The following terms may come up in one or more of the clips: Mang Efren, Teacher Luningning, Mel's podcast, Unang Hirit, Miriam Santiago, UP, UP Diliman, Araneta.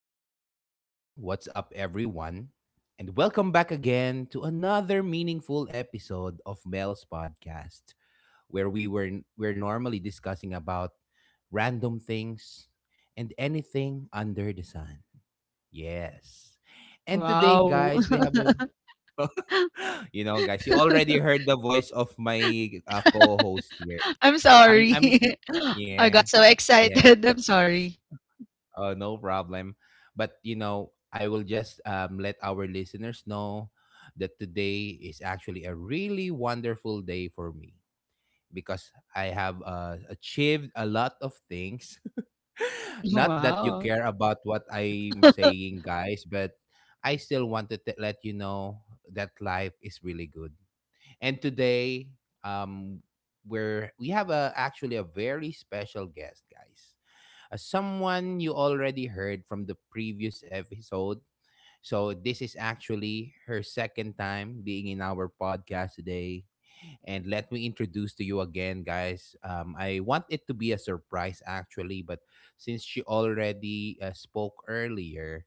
Yo, yo, yo, what's up, everyone? And welcome back again to another meaningful episode of Mel's podcast, where we're normally discussing about random things and anything under the sun. Yes. And today, guys, we Wow. have a you know, guys, you already heard the voice of my co-host here. I'm I'm sorry. I yeah. got so Yeah. excited. I'm sorry. Oh, no problem. But you know, I will just let our listeners know that today is actually a really wonderful day for me because I have achieved a lot of things. Not that you Wow. care about what I'm saying, guys, but I still wanted to let you know that life is really good. And today, um, we have a actually a very special guest, guys, as someone you already heard from the previous episode. So, this is actually her second time being in our podcast today. And let me introduce to you again, guys. I want it to be a surprise, actually, but since she already spoke earlier,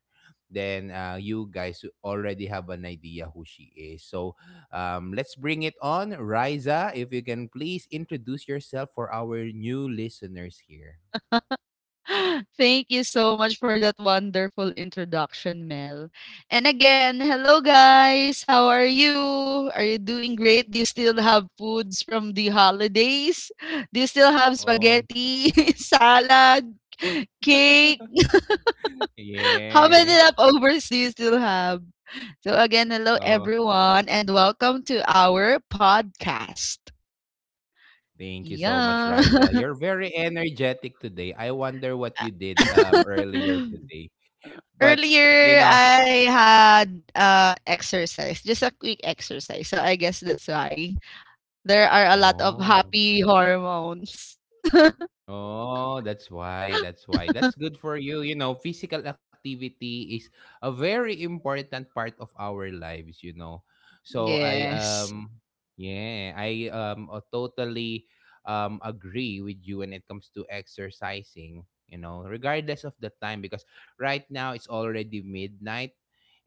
then you guys already have an idea who she is. So, let's bring it on. Riza, if you can please introduce yourself for our new listeners here. Thank you so much for that wonderful introduction, Mel. And again, hello guys. How are you? Are you doing great? Do you still have foods from the holidays? Do you still have Oh, spaghetti, salad, cake? How many yeah. leftovers do you still have? So again, hello Oh, everyone and welcome to our podcast. thank you so much, Yeah. Riza. You're very energetic today. I wonder what you did earlier today. But you Earlier, know, I had exercise, just a quick exercise. So I guess that's why there are a lot of oh. happy hormones. Oh, that's why. That's why. That's good for you. You know, physical activity is a very important part of our lives, you know. So I Yes. um yeah, I totally agree with you when it comes to exercising, you know, regardless of the time because right now it's already midnight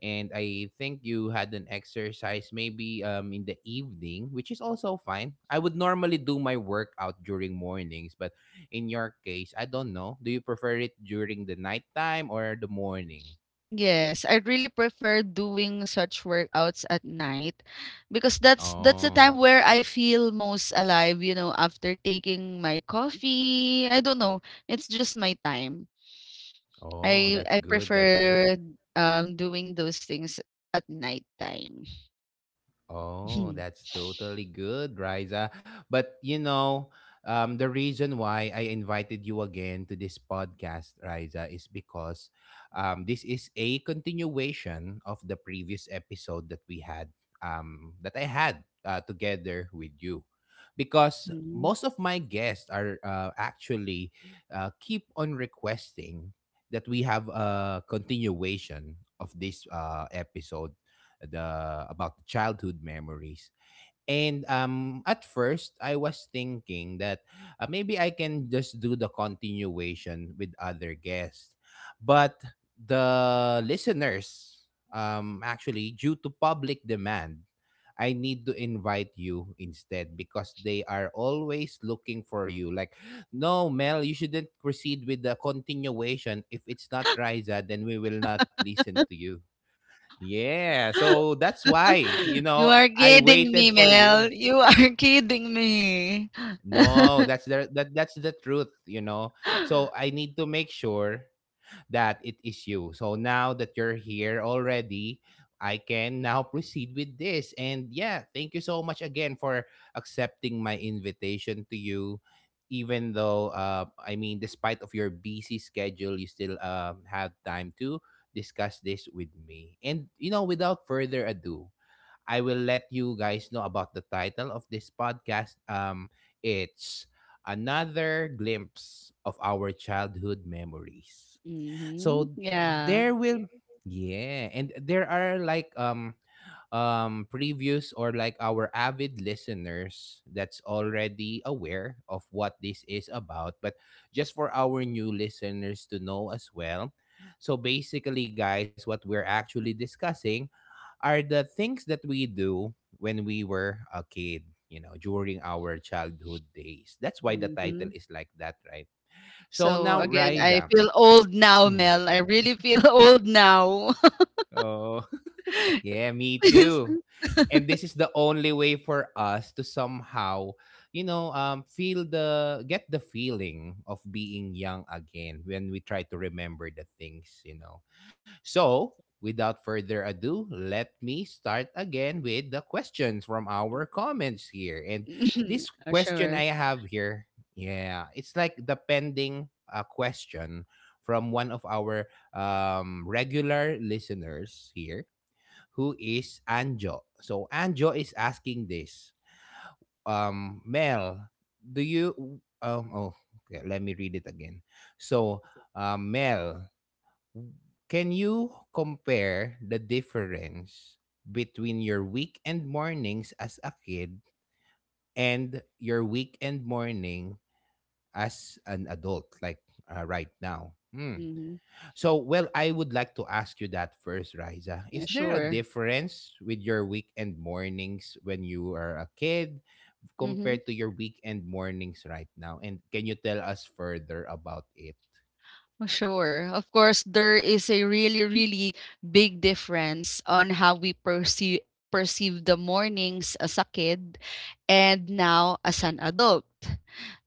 and I think you had an exercise maybe in the evening, which is also fine. I would normally do my workout during mornings, but in your case, I don't know. Do you prefer it during the nighttime or the morning? Yes, I really prefer doing such workouts at night because that's the Oh, time where I feel most alive, you know, after taking my coffee. I don't know. It's just my time. oh, I that's I good. That's good. prefer, doing those things at nighttime. Oh, that's totally good, Riza. But you know, the reason why I invited you again to this podcast, Riza, is because this is a continuation of the previous episode that we had, that I had together with you. Because Mhm. most of my guests are actually keep on requesting that we have a continuation of this episode the about the childhood memories. And at first, I was thinking that maybe I can just do the continuation with other guests, but the listeners, actually, due to public demand, I need to invite you instead because they are always looking for you. Like, no, Mel, you shouldn't proceed with the continuation. If it's not Riza, then we will not listen to you. Yeah, so that's why, you You know, are I kidding waited me, for Mel. you. You are kidding me. No, that that's the truth, you know. So I need to make sure that it is you. So now that you're here already, I can now proceed with this. And yeah, thank you so much again for accepting my invitation to you. Even though I mean despite of your busy schedule, you still have time to discuss this with me. And you know, without further ado, I will let you guys know about the title of this podcast. It's another glimpse of our childhood memories. Mhm, So yeah. there will yeah, and there are like previews or like our avid listeners that's already aware of what this is about, but just for our new listeners to know as well, so basically guys what we're actually discussing are the things that we do when we were a kid, you know, during our childhood days. That's why the title Mhm. is like that, right? So So now, again, I Riza, feel old now, hmm, Mel. I really feel old now. oh, yeah, me too. And this is the only way for us to somehow, you know, feel the get the feeling of being young again when we try to remember the things, you know. So, without further ado, let me start again with the questions from our comments here. And Yes. Mhm. this Uh, question sure. I have here, yeah, it's like the pending question from one of our regular listeners here, who is Anjo. So Anjo is asking this. Mel, do you? Um, oh, okay, let me read it again. So, Mel, can you compare the difference between your weekend mornings as a kid and your weekend morning as an adult, like right now? Hmm. Hmm. So, well, I would like to ask you that first, Riza. Yeah, Is there a sure. difference with your weekend mornings when you are a kid Mm-hmm. compared to your weekend mornings right now? And can you tell us further about it? Sure. Of course, there is a really, really big difference on how we perceive the mornings as a kid and now as an adult.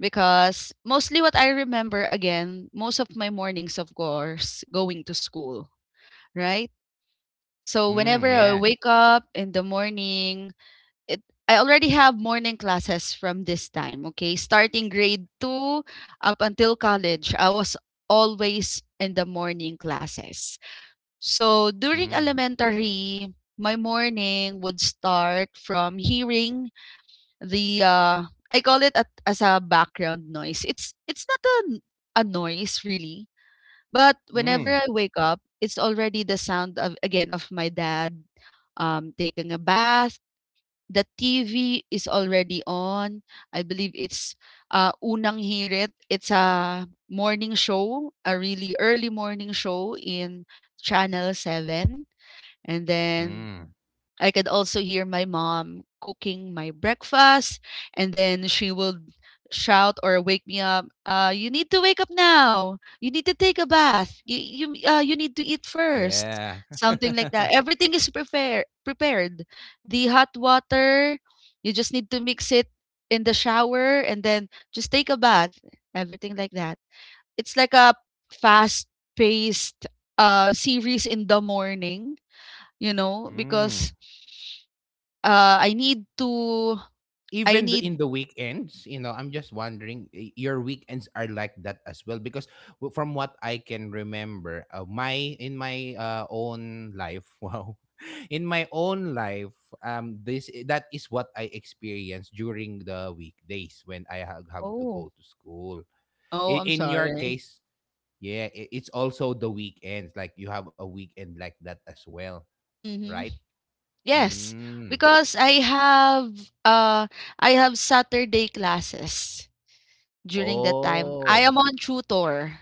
Because mostly what I remember again, most of my mornings, of course, going to school, right? So Mm, whenever I yeah. wake up in the morning, it I already have morning classes from this time, okay? Starting grade 2 up until college, I was always in the morning classes. So during Mm, elementary, my morning would start from hearing the I call it at, as a background noise. It's not a noise really. But whenever mm, I wake up, it's already the sound of again of my dad taking a bath. The TV is already on. I believe it's Unang Hirit. It's a morning show, a really early morning show in Channel 7. And then mm, I could also hear my mom cooking my breakfast, and then she would shout or wake me up. You need to wake up now. You need to take a bath. You need to eat first. yeah. Something like that. Everything is prepared. Prepared. The hot water. You just need to mix it in the shower, and then just take a bath. Everything like that. It's like a fast-paced series in the morning. You know, because Mm. I need to I even th- need in the weekends, you know, I'm just wondering, your weekends are like that as well? Because from what I can remember, my in my own life, wow, in my own life, that is what I experience during the weekdays when I have to oh, go to school. oh, In, I'm in your sorry. case, yeah, it's also the weekends. Like you have a weekend like that as well, right? Mhm. Yes, Mm. because uh I have Saturday classes during that time. I Oh, am on tutor.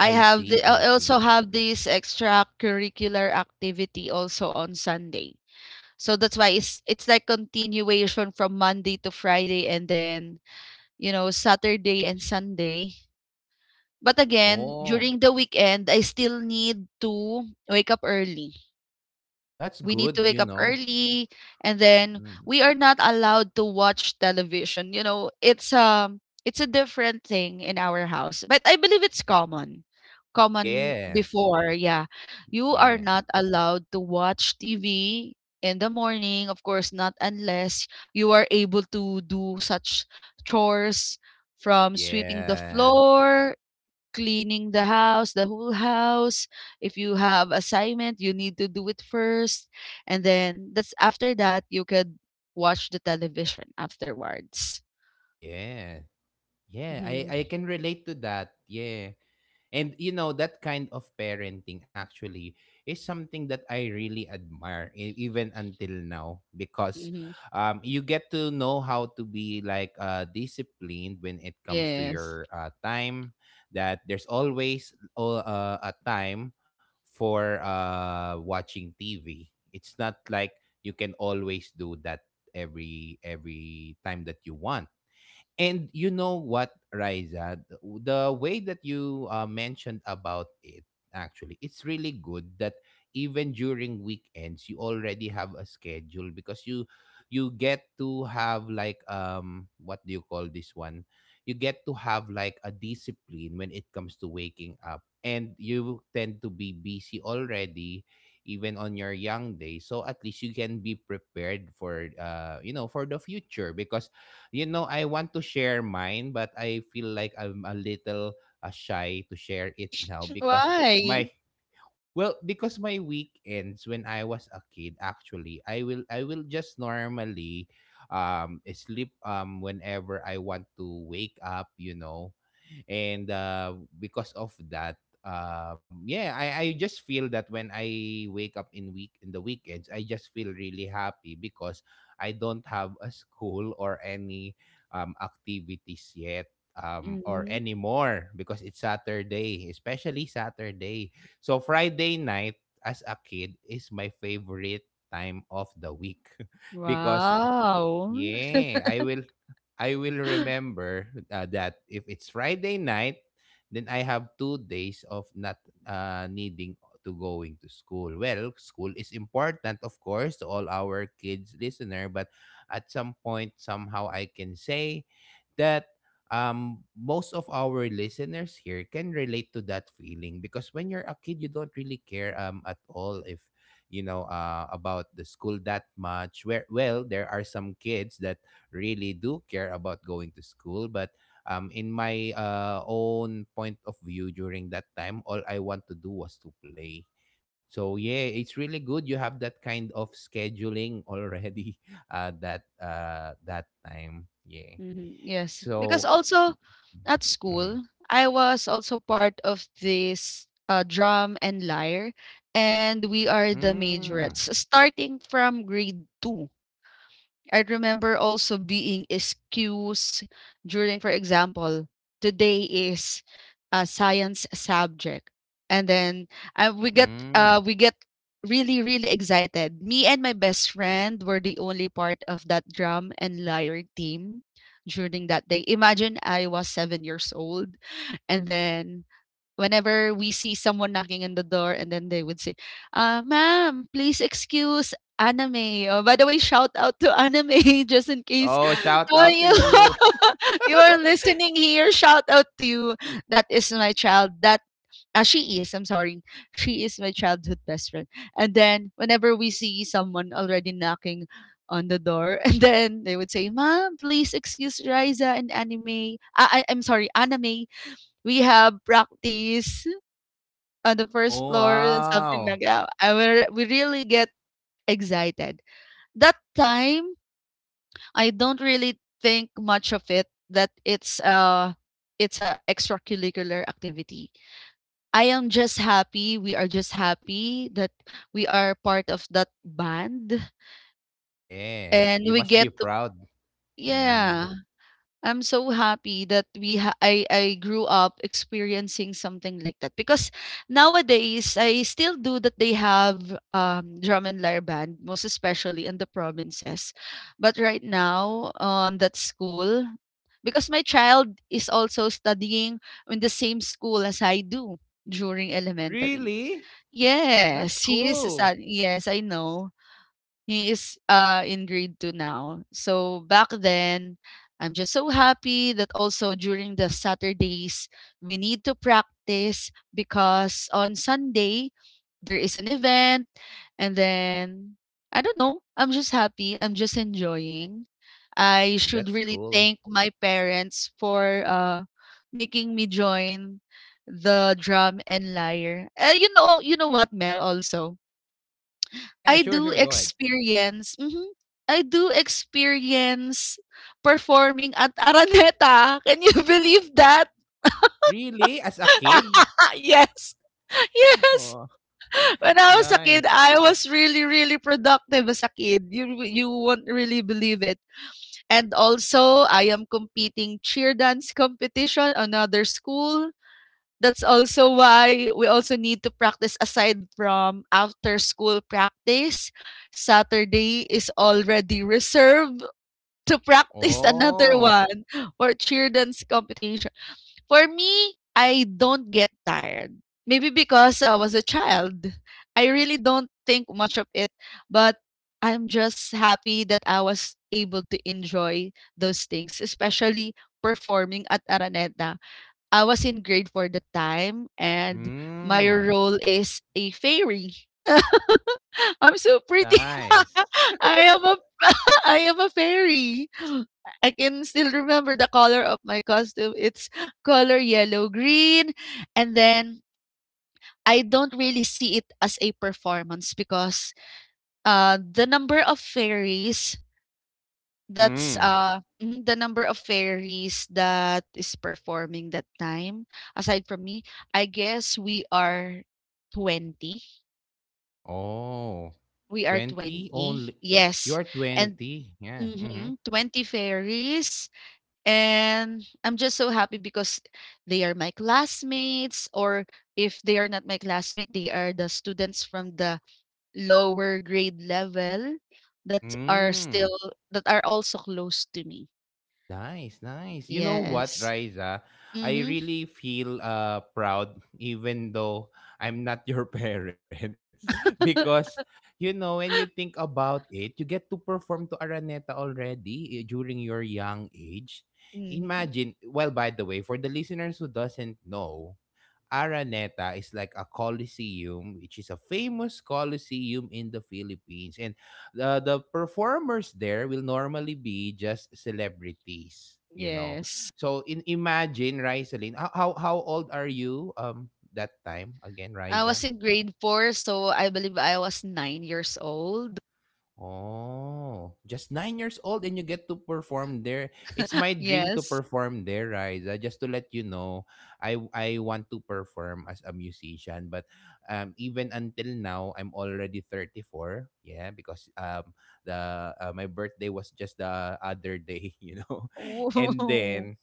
see. I I see. also have this extracurricular activity also on Sunday. So that's why it's like continuation from Monday to Friday and then, you know, Saturday and Sunday. But again, Oh, during the weekend, I still need to wake up early. that's We need good, to you wake up know. early, and then Mm. we are not allowed to watch television. You know, it's a different thing in our house, but I believe it's common. Common Yes. before, yeah. You Yeah. are not allowed to watch TV in the morning, of course, not unless you are able to do such chores, from sweeping the Yeah. floor, cleaning the house, the whole house. If you have assignment, you need to do it first. And then that's after that you could watch the television afterwards. Yeah. Yeah. I Hmm. can relate to that. Yeah. And you know that kind of parenting actually is something that I really admire even until now because Hmm. You get to know how to be like disciplined when it comes to Yes. your time, that there's always a time for watching TV. It's not like you can always do that every time that you want, and you know what, Riza, the way that you mentioned about it, actually, it's really good that even during weekends you already have a schedule because you get to have like what do you call this one? You get to have like a discipline when it comes to waking up and you tend to be busy already even on your young days, so at least you can be prepared for you know for the future because you know, I want to share mine, but I feel like I'm a little shy to share it now because Why? my well, because my weekends when I was a kid, actually, I will just normally sleep whenever I want to wake up, you know, and because of that yeah, I just feel that when I wake up in the weekends I just feel really happy because I don't have a school or any activities yet, or Hmm. anymore because it's Saturday, especially Saturday, so Friday night as a kid is my favorite time of the week because Wow. yeah, I will remember that if it's Friday night, then I have 2 days of not needing to going to school. Well, school is important, of course, to all our kids listener, but at some point somehow I can say that most of our listeners here can relate to that feeling because when you're a kid you don't really care at all if you know about the school that much, where well there are some kids that really do care about going to school, but in my own point of view during that time all I want to do was to play, so yeah it's really good you have that kind of scheduling already, that time, yeah, Mhm, yes, because so also at school, mhm. I was also part of this drum and lyre, and we are the Mm, majorettes starting from grade two. I remember also being excused during, for example, today is a science subject, and then mm. we get really really excited. Me and my best friend were the only part of that drum and lyre team during that day. Imagine I was 7 years old, and then whenever we see someone knocking on the door and then they would say, ma'am, please excuse anime. Oh, by the way, shout out to anime just in case, Oh, shout oh, out to you. you, you are listening here. Shout out to you. That is my child. I'm sorry. She is my childhood best friend. And then whenever we see someone already knocking on the door, and then they would say, Ma'am, please excuse Riza and anime. I'm sorry, anime, we have practice on the first Oh floor, something wow. like that. I will we really get excited. That time, I don't really think much of it that it's a extracurricular activity. I am just happy. We are just happy that we are part of that band, Yeah, and you we must get be to, proud. yeah. Mhm. I'm so happy that I grew up experiencing something like that, because nowadays I still do that, they have drum and lyre band most especially in the provinces, but right now on that school because my child is also studying in the same school as I do during elementary. Really? That's Yes, he is cool. studying, yes, I know, he is in grade 2 now. So back then, I'm just so happy that also during the Saturdays, we need to practice because on Sunday, there is an event. And then, I don't know, I'm just happy. I'm just enjoying. I should That's really cool. thank my parents for making me join the drum and lyre. You know, you know what, Mel. Also, Yeah, I sure, do sure. Go ahead. experience mhm, I do experience performing at Araneta. Can you believe that? Really? As a kid? Yes. Yes. Oh, When I was a kid, nice. I was really, really productive as a kid. You won't really believe it. And also, I am competing cheer dance competition, another school. That's also why we also need to practice aside from after school practice. Saturday is already reserved to practice another Oh. one for cheerdance competition. For me, I don't get tired. Maybe because I was a child. I really don't think much of it, but I'm just happy that I was able to enjoy those things, especially performing at Araneta. I was in grade 4 that time, and my Mm. role is a fairy. I'm so pretty. Nice. I am a I am a fairy. I can still remember the color of my costume. It's color yellow green, and then I don't really see it as a performance because the number of fairies. That's, Mm. The number of fairies that is performing that time, aside from me, I guess we are 20. Oh. We are 20 only. 20, yes, You're and 20. Yeah. Mm-hmm. mhm, 20 fairies, and I'm just so happy because they are my classmates, or if they are not my classmate, they are the students from the lower grade level that are Mm. still that are also close to me. Nice, nice. You know what, Yes. Riza? I Mhm. really feel proud even though I'm not your parents because you know when you think about it, you get to perform to Araneta already eh, during your young age. Mhm. Imagine, well by the way, for the listeners who doesn't know, Araneta is like a coliseum, which is a famous coliseum in the Philippines. And the performers there will normally be just celebrities, you know. Yes. So in imagine, Rizaline, how old are you that time again, I was Riza? in grade 4, so I believe I was 9 years old. Oh, just 9 years old and you get to perform there. It's my dream to Yes. perform there, Riza. Just to let you know, I want to perform as a musician, but even until now, I'm already 34. Yeah, because the my birthday was just the other day, you know. And Oh. then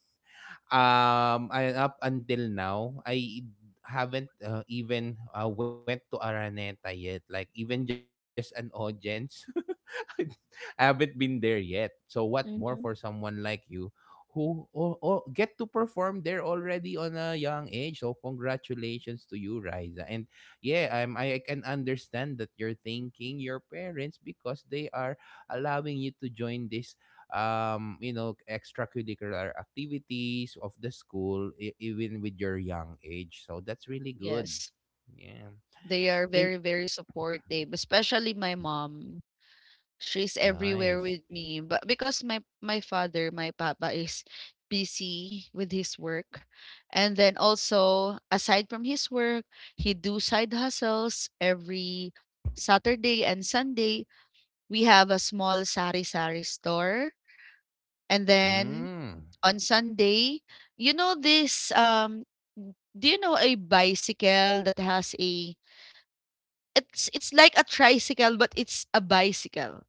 up until now, I haven't even went to Araneta yet. Like even just an audience. Haven't been there yet. So what more for Hmm. someone like you who or get to perform there already on a young age. So congratulations to you, Riza. And yeah, I can understand that you're thanking your parents because they are allowing you to join this extracurricular activities of the school even with your young age, so that's really good. Yes. Yeah. They are In. very, very supportive, especially my mom. She's everywhere Nice. with me. But because my father, my papa is busy with his work. And then also, aside from his work, he do side hustles every Saturday and Sunday, we have a small sari-sari store. And then Mm. on Sunday, you know this, do you know a bicycle that has a, it's like a tricycle but it's a bicycle.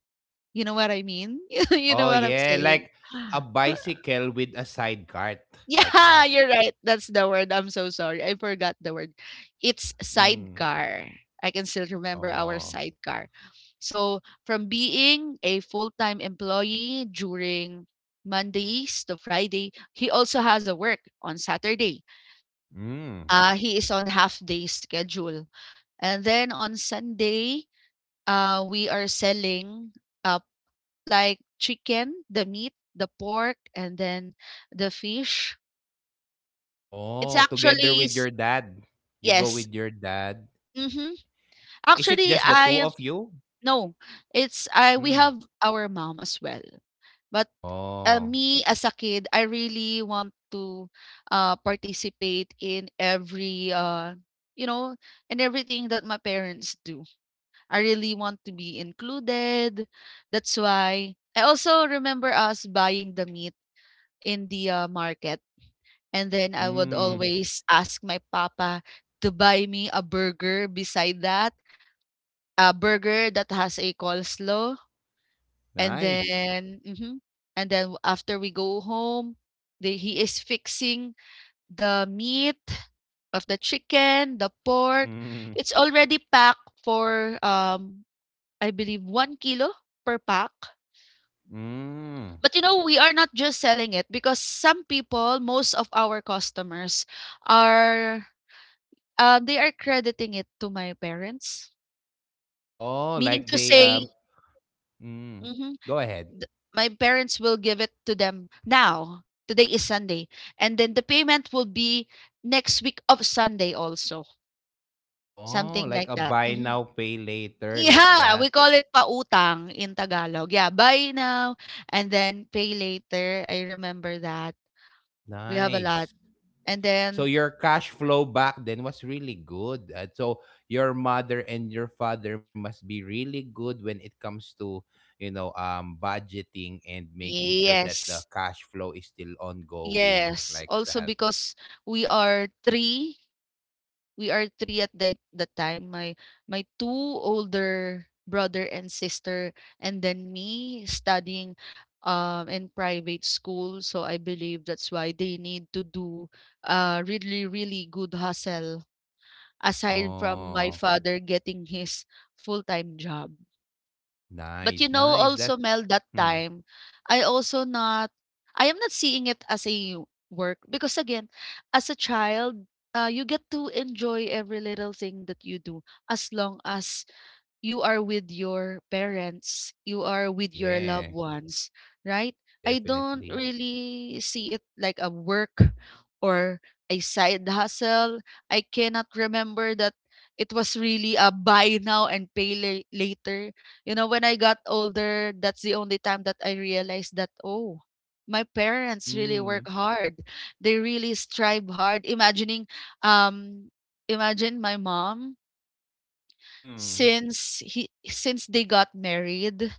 You know what I mean? You know Oh what I'm yeah, saying? like a bicycle with a side cart Yeah, like that. you're right. That's the word. I'm so sorry. I forgot the word. It's Mm. sidecar. I can still remember our Oh. sidecar. So, from being a full time employee during Mondays to Friday, he also has a work on Saturday. Mm. He is on half day schedule. And then on Sunday, we are selling uh, like chicken, the meat, the pork, and then the fish. It's Oh, together actually with s-. your dad. You go Yes. with your dad. Mhm. Is it just the Actually, two of I, you? no. It's I We Mm. have our mom as well. But Oh. me as a kid, I really want to participate in every, you know, in everything that my parents do. I really want to be included. That's why I also remember us buying the meat in the market, and then I would Mm. always ask my papa to buy me a burger beside that, a burger that has a coleslaw, and Nice. then and then after we go home, the he is fixing the meat of the chicken, the pork. Mm. It's already packed for, I believe 1 kilo per pack. Mm. But, you know, we are not just selling it because some people, most of our customers are, they are crediting it to my parents. Oh, like Meaning they to say. mm. Mhm. Go ahead. Th My parents will give it to them now. Today is Sunday. And then the payment will be next week of Sunday also. Oh, Something like like a that. buy Mhm. now pay later like Yeah, that. we call it pautang in Tagalog. Yeah, buy now and then pay later. I remember that. We have a lot. Nice. And So then your cash flow back then was really good. So your mother and your father must be really good when it comes to, budgeting and making sure that the yes. cash flow is still ongoing Yes. like Also that. because we are three we are 3 at the time. My 2 older brother and sister and then me studying in private school. So I believe that's why they need to do really really good hustle aside from my Oh, father getting his full-time job. nice, But you know nice. That also Mel that mm, time, I also not I am not seeing it as a work because again, as a child, you get to enjoy every little thing that you do as long as you are with your parents, you are with your yeah, loved ones, right? I don't definitely. really see it like a work or a side hustle. I cannot remember that it was really a buy now and later. You know, when I got older, that's the only time that I realized that, oh, my parents really Mm, work hard. They really strive hard. Um, Imagine my mom mm, since they got married,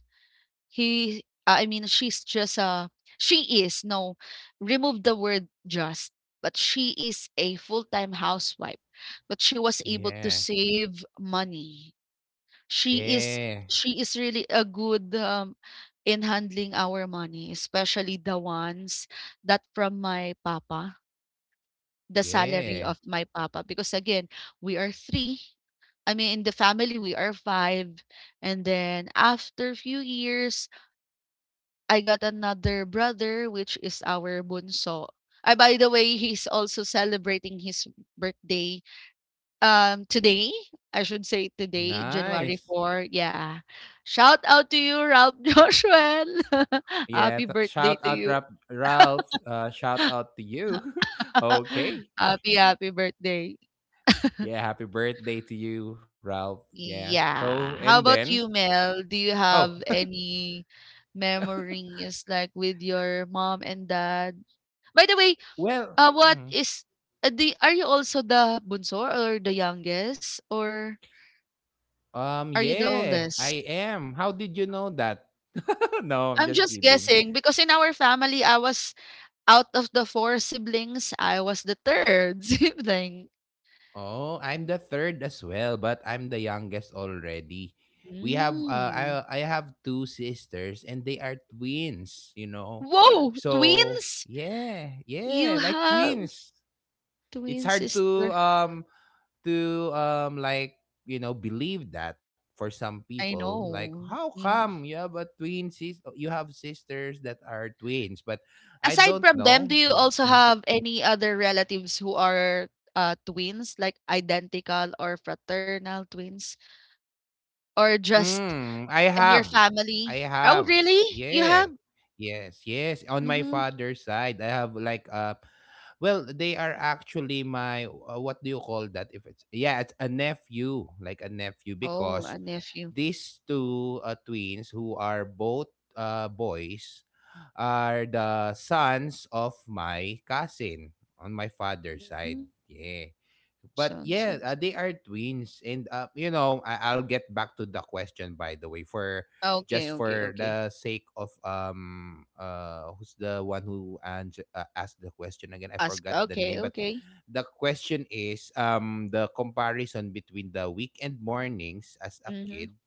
he I mean she's just a she is no remove the word just, but she is a full-time housewife, but she was able to yeah. save money. She is Yeah. she is really a good in handling our money, especially the ones that from my papa, the salary Yeah. of my papa, because again we are three I mean, in the family, we are five. And then after few years, I got another brother, which is our bunso. Ah, by the way, he's also celebrating his birthday today. I should say today, Nice. January 4. Yeah. Shout out to you, Ralph Joshua. Yeah, Happy birthday shout to out you. Ralph, shout out to you. Okay. Happy, happy birthday. Yeah, happy birthday to you, Ralph. Yeah. So, Yeah. and How then, about you, Mel? Do you oh, have any memories like with your mom and dad? By the way, well, what mhm. is the are you also the bunso or the youngest, or are you the Yeah, oldest? I am. How did you know that? No, I'm I'm just just kidding. guessing because in our family, I was out of the four siblings, I was the third sibling. Oh, I'm the third as well, but I'm the youngest already. We have, Mm. I have two sisters and they are twins, you know. Whoa, So, twins! yeah, You yeah, like have twins. It's twin hard sister. To like you know believe that for some I people like know. how Mm-hmm. come you have a twin sis. Oh, you have sisters that are twins but I Aside from don't them, do you know you know also mm, have any other relatives who are, twins, like identical or fraternal twins, or just Mm, i in your have I family? Oh, have really? You yeah. have? Yes, yes, on my Mhm. father's side I have like uh. Well, they are actually my what do you call that? If it's yeah, it's a nephew, like a nephew, Oh, a because nephew. these two twins who are both boys are the sons of my cousin on my father's side. Mhm. Yeah. But Sounds yeah, int. They are twins, and you know, I'll get back to the question. By the way, for just Okay, okay, for okay. the sake of who's the one who and asked the question again? I Ask forgot the name, okay, but okay. the question is the comparison between the weekend mornings as a Mhm, kid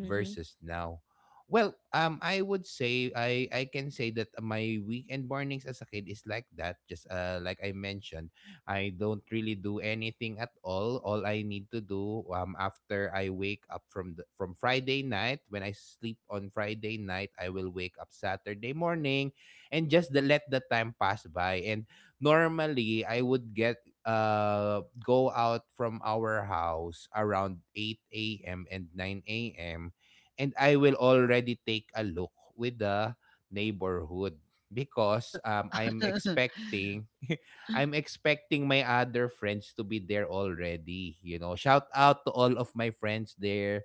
mhm. versus now. Well, I would say I can say that my weekend mornings as a kid is like that. Just like I mentioned, I don't really do anything at all. All I need to do after I wake up from from Friday night, when I sleep on Friday night, I will wake up Saturday morning, and just let the time pass by. And normally, I would get go out from our house around 8 a.m. and 9 a.m., and I will already take a look with the neighborhood because I'm expecting I'm expecting my other friends to be there already, you know. Shout out to all of my friends there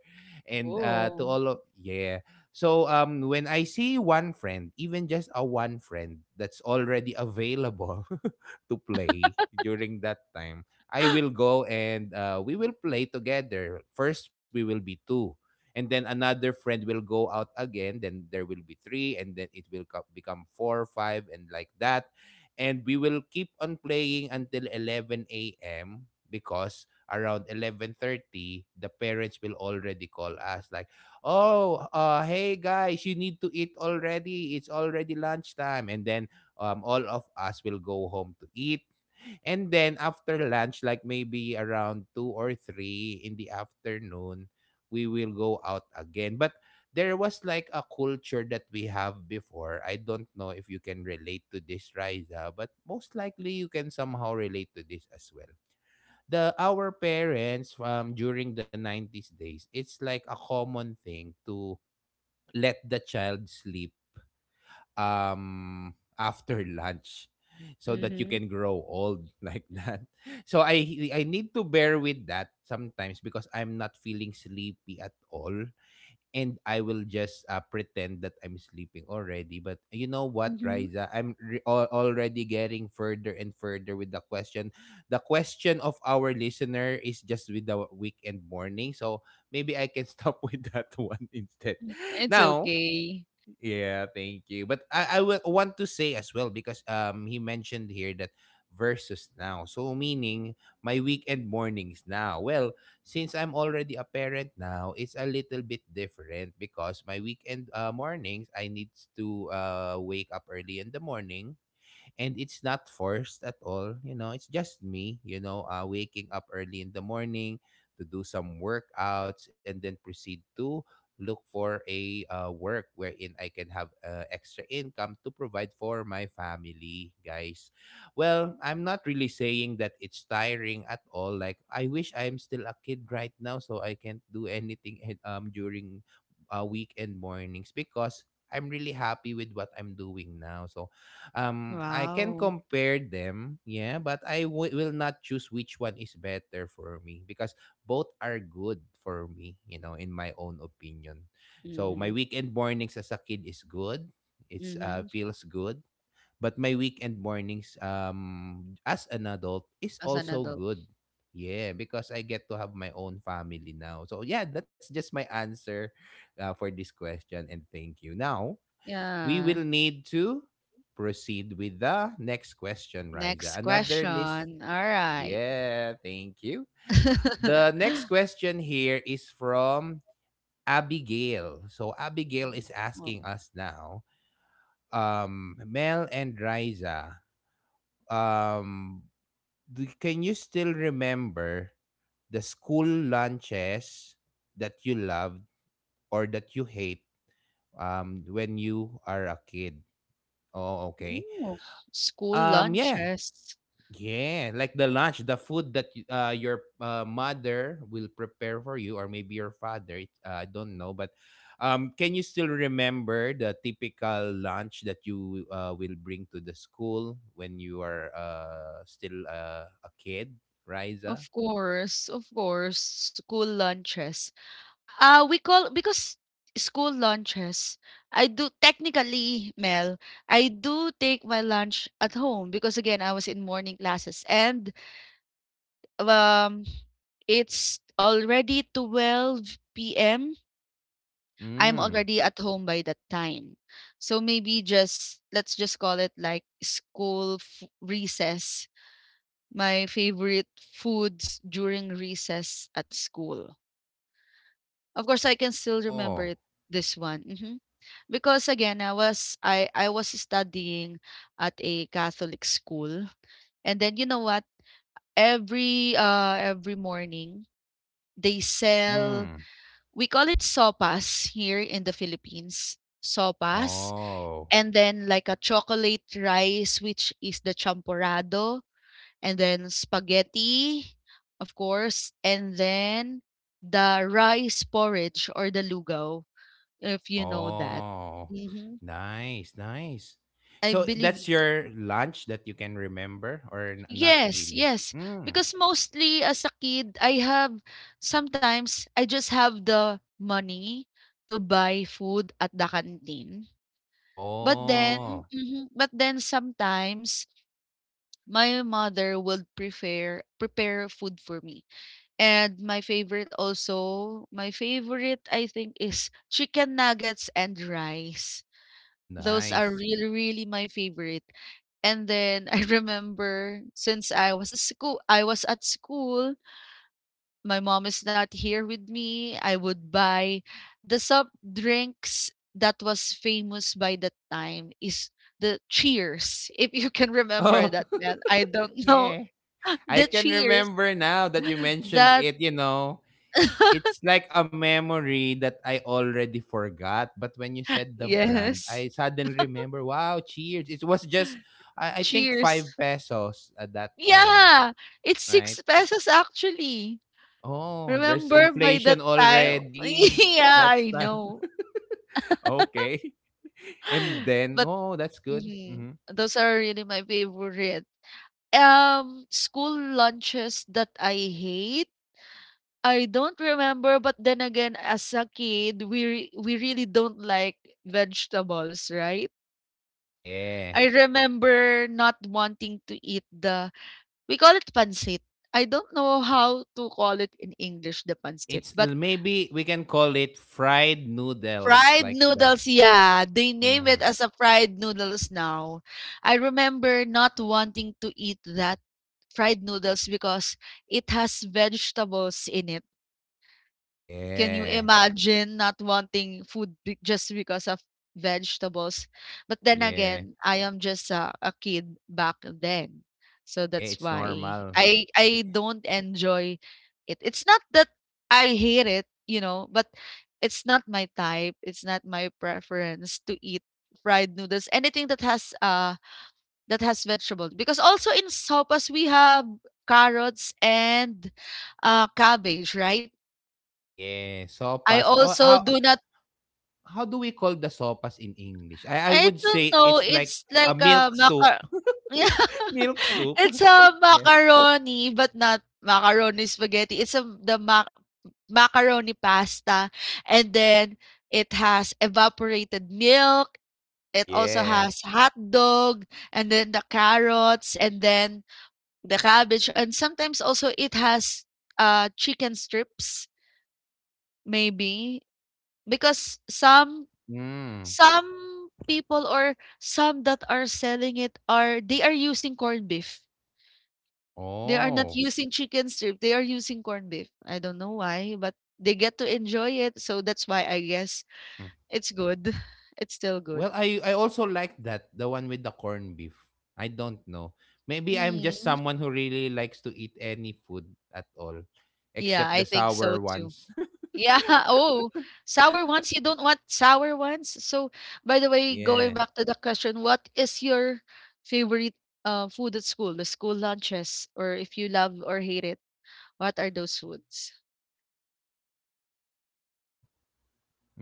and to Oh. all of yeah. So when I see one friend, even just a one friend that's already available, to play during that time, I will go and we will play together. First, we will be two. And then another friend will go out again. Then there will be three. And then it will become four, five, and like that. And we will keep on playing until 11 a.m. because around 11:30, the parents will already call us like, oh, hey guys, you need to eat already. It's already lunchtime. And then all of us will go home to eat. And then after lunch, like maybe around two or three in the afternoon, we will go out again. But there was like a culture that we have before. I don't know if you can relate to this, Riza, but most likely you can somehow relate to this as well. The Our parents during the 90 days, it's like a common thing to let the child sleep um after lunch so that you Mhm, can grow old like that. So I need to bear with that sometimes because I'm not feeling sleepy at all, and I will just pretend that I'm sleeping already. But you know what, mhm, Riza, I'm already getting further and further with the question. The question of our listener is just with the weekend morning. So maybe I can stop with that one instead. mm. It's Now, okay. yeah, thank you. But I will want to say as well because he mentioned here that versus now. So meaning my weekend mornings now. Well, since I'm already a parent now, it's a little bit different because my weekend mornings I need to wake up early in the morning, and it's not forced at all, you know, it's just me, you know, waking up early in the morning to do some workouts and then proceed to look for a work wherein I can have extra income to provide for my family, guys. Well, I'm not really saying that it's tiring at all, like I wish I'm still a kid right now so I can't do anything during weekend mornings, because I'm really happy with what I'm doing now. So I can Wow. compare them, yeah, but will not choose which one is better for me because both are good for me, you know, in my own opinion. So my Mhm, weekend mornings as a kid is good. It's mhm. Feels good, but my weekend mornings as an adult is As an also adult. good. Yeah, because I get to have my own family now. So yeah, that's just my answer for this question and thank you. Now, we Yeah. will need to proceed with the next question, Riza. Next Another list. question. Alright. Yeah, thank you. The next question here is from Abigail. So Abigail is Oh, asking us now, Mel and Riza, um, can you still remember the school lunches that you loved or that you hate when you are a kid? Oh, okay. ooh, school Yeah. lunches. Yeah, like the lunch, the food that your mother will prepare for you, or maybe your father. I don't know, but can you still remember the typical lunch that you will bring to the school when you are still a kid, Riza? Of course, school lunches. We call because school lunches, I do technically, Mel, I do take my lunch at home because again, I was in morning classes and um it's already 12 p.m. I'm Mm. already at home by that time. So maybe just let's just call it like recess. My favorite foods during recess at school. Of course, I can still remember Oh. it, this one, hmm, because again, I was studying at a Catholic school, and then you know what? Every morning they Mm. sell, we call it sopas here in the Philippines. Sopas, Oh. and then like a chocolate rice, which is the champorado, and then spaghetti, of course, and then the rice porridge or the lugaw, if you know that. Oh. Mhm. Nice. Nice. I So that's believe your lunch that you can remember, or not yes, really? yes. Because mostly as a kid, I have sometimes I just have the money to buy food at the canteen. But Oh, then, mhm, but then sometimes my mother would prepare food for me. And my favorite also, my favorite I think is chicken nuggets and rice. Those are nice. really, really my favorite. And then I remember since I was at school, I was at school. My mom is not here with me. I would buy the soft drinks that was famous by that time is the Cheers. If you can remember Oh, that, man, I don't know. yeah. I The can cheers remember now that you mentioned that it, you know. It's like a memory that I already forgot, but when you said the brand, yes, I suddenly remember, wow, cheers. It was just I think 5 cheers. pesos at that time, Yeah, it's right? 6 pesos actually. Oh, there's Remember by that inflation time? already Yeah, that I time. know. Okay. And then, But oh, that's good. mhm, Mhm. those are really my favorite. School lunches that I hate. I don't remember, but then again, as a kid, we really don't like vegetables, right? Yeah. I remember not wanting to eat the, we call it pansit. I don't know how to call it in English, the pansit, It's but maybe we can call it fried noodles fried like that. noodles, yeah. They name it Mhm. as a fried noodles now. I remember not wanting to eat that fried noodles because it has vegetables in it. Can you Yeah, imagine not wanting food be just because of vegetables? But then yeah, again, I am just a kid back then. So yeah. that's It's why normal. I don't enjoy it. It's not that I hate it, you know, but it's not my type. It's not my preference to eat fried noodles. Anything that has that has vegetables. Because also in sopas we have carrots and cabbage, right? Yeah, I sopas. Also do not How do we call the sopas in English? I I would don't say know, it's like it's a like a milk soup. macar. Yeah, Milk soup. it's a Yeah. macaroni, but not macaroni spaghetti, it's a the mac macaroni pasta, and then it has evaporated milk, it also Yeah. has hot dog, and then the carrots, and then the cabbage, and sometimes also it has, chicken strips, maybe, because some Mm. some people or some that are selling it are they are using corned beef. They are not Oh. using chicken strip, they are using corned beef. I don't know why, but they get to enjoy it, so that's why I guess Hmm. it's good. It's still Well, good. I also like that, the one with the corned beef. I don't know. Maybe I'm just Mm. someone who really likes to eat any food at all, except Yeah, the I think sour so too. ones. Yeah, oh, sour ones, you don't want sour ones? So, by the way, Yeah. going back to the question, what is your favorite food at school, the school lunches, or if you love or hate it? What are those foods? Mm. Mine, I would say.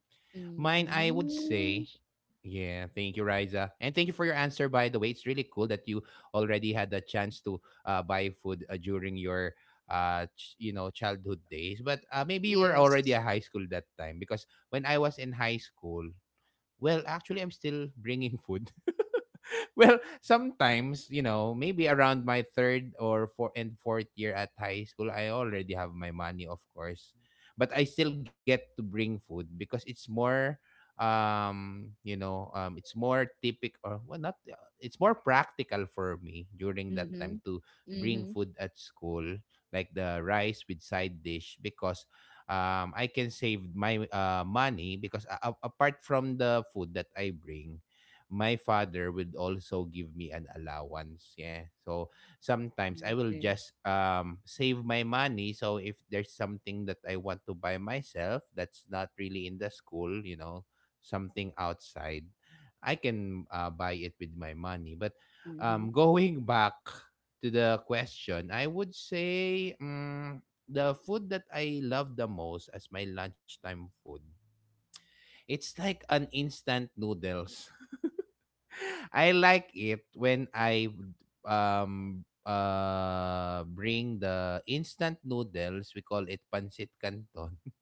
Yeah. Thank you, Riza, and Mm. thank you for your answer. By the way, it's really cool that you already had the chance to buy food during your you know childhood days, but maybe you were already a high school Yes. that time because when I was in high school, well, actually, I'm still bringing food. Well, sometimes, you know, maybe around my third or four and fourth year at high school, I already have my money, of course. But I still get to bring food because it's more it's more typical or well not it's more practical for me during that time Mhm. to bring Mhm. food at school, like the rice with side dish because I can save my money because apart from the food that I bring, my father would also give me an allowance. Yeah. So sometimes I will Okay. just save my money. So if there's something that I want to buy myself that's not really in the school, you know, something outside, I can buy it with my money. But Mhm. going back to the question, I would say the food that I love the most as my lunchtime food, it's like an instant noodles. I like it when I bring the instant noodles. We call it pancit canton,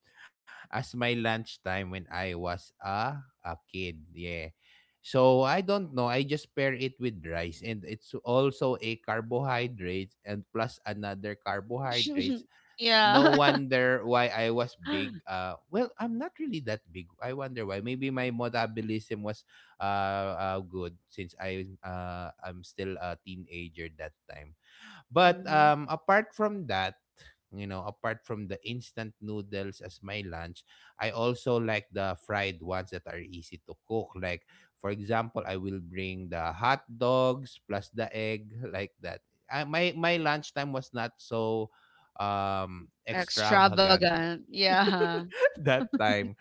as my lunchtime when I was a kid. Yeah. So I don't know. I just pair it with rice, and it's also a carbohydrate and plus another carbohydrates. No Yeah. wonder why I was big. Well, I'm not really that big. I wonder why. Maybe my metabolism was good since I'm still a teenager that time. But Mhm. Apart from that, you know, apart from the instant noodles as my lunch, I also like the fried ones that are easy to cook. Like, for example, I will bring the hot dogs plus the egg like that. I, my lunchtime was not so extravagant Extravagant. Yeah. that time.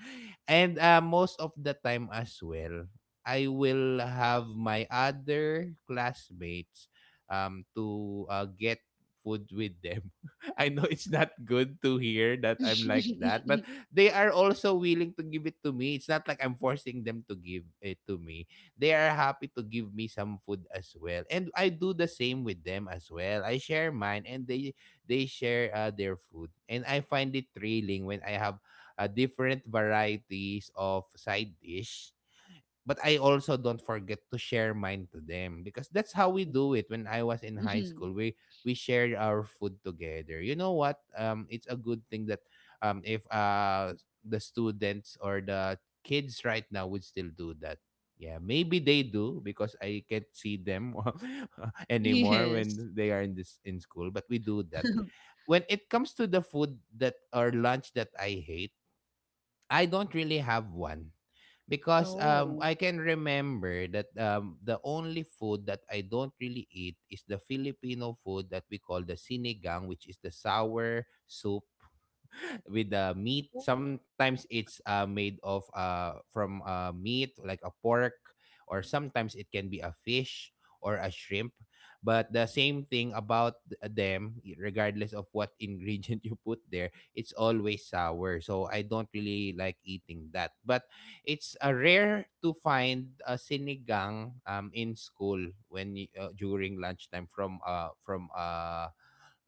And most of the time as well, I will have my other classmates to get food with them. I know it's not good to hear that I'm like that, but they are also willing to give it to me. It's not like I'm forcing them to give it to me. They are happy to give me some food as well. And I do the same with them as well. I share mine and they share their food. And I find it thrilling when I have different varieties of side dish. But I also don't forget to share mine to them because that's how we do it. When I was in high Mhm. school, we shared our food together. You know what? It's a good thing that if the students or the kids right now would still do that. Yeah, maybe they do because I can't see them anymore Yes. when they are in this in school. But we do that when it comes to the food that or lunch that I hate. I don't really have one because Oh. I can remember that the only food that I don't really eat is the Filipino food that we call the sinigang, which is the sour soup with the meat. Sometimes it's made of from meat like a pork, or sometimes it can be a fish or a shrimp. But the same thing about them, regardless of what ingredient you put there, it's always sour. So I don't really like eating that. But it's rare to find a sinigang in school when during lunchtime from uh from uh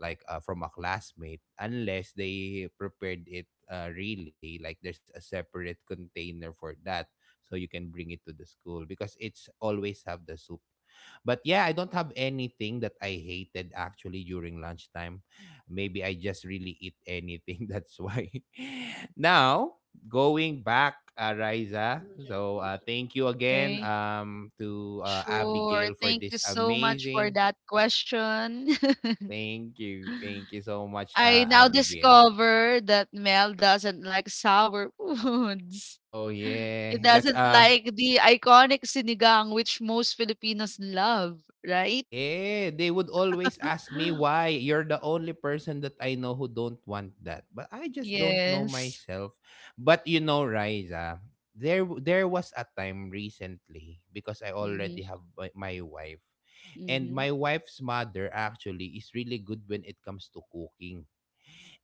like uh, from a classmate unless they prepared it really like there's a separate container for that, so you can bring it to the school because it's always have the soup. But yeah, I don't have anything that I hated actually during lunchtime. Maybe I just really eat anything. That's why. Now, going back, Riza. Mhm. So, Mhm. thank you again Okay. to Sure. Abigail for Thank you this so much for amazing. that question. Thank you. Thank you so much, I now Abigail. discover that Mel doesn't like sour foods. Oh He yeah. That's doesn't like the iconic sinigang, which most Filipinos love, right? yeah, they would always ask me why you're the only person that I know who don't want that. But I just don't know Yes. myself. But you know, Riza, there there was a time recently because I Mm-hmm. already have my wife, and Mm-hmm. my wife's mother actually is really good when it comes to cooking.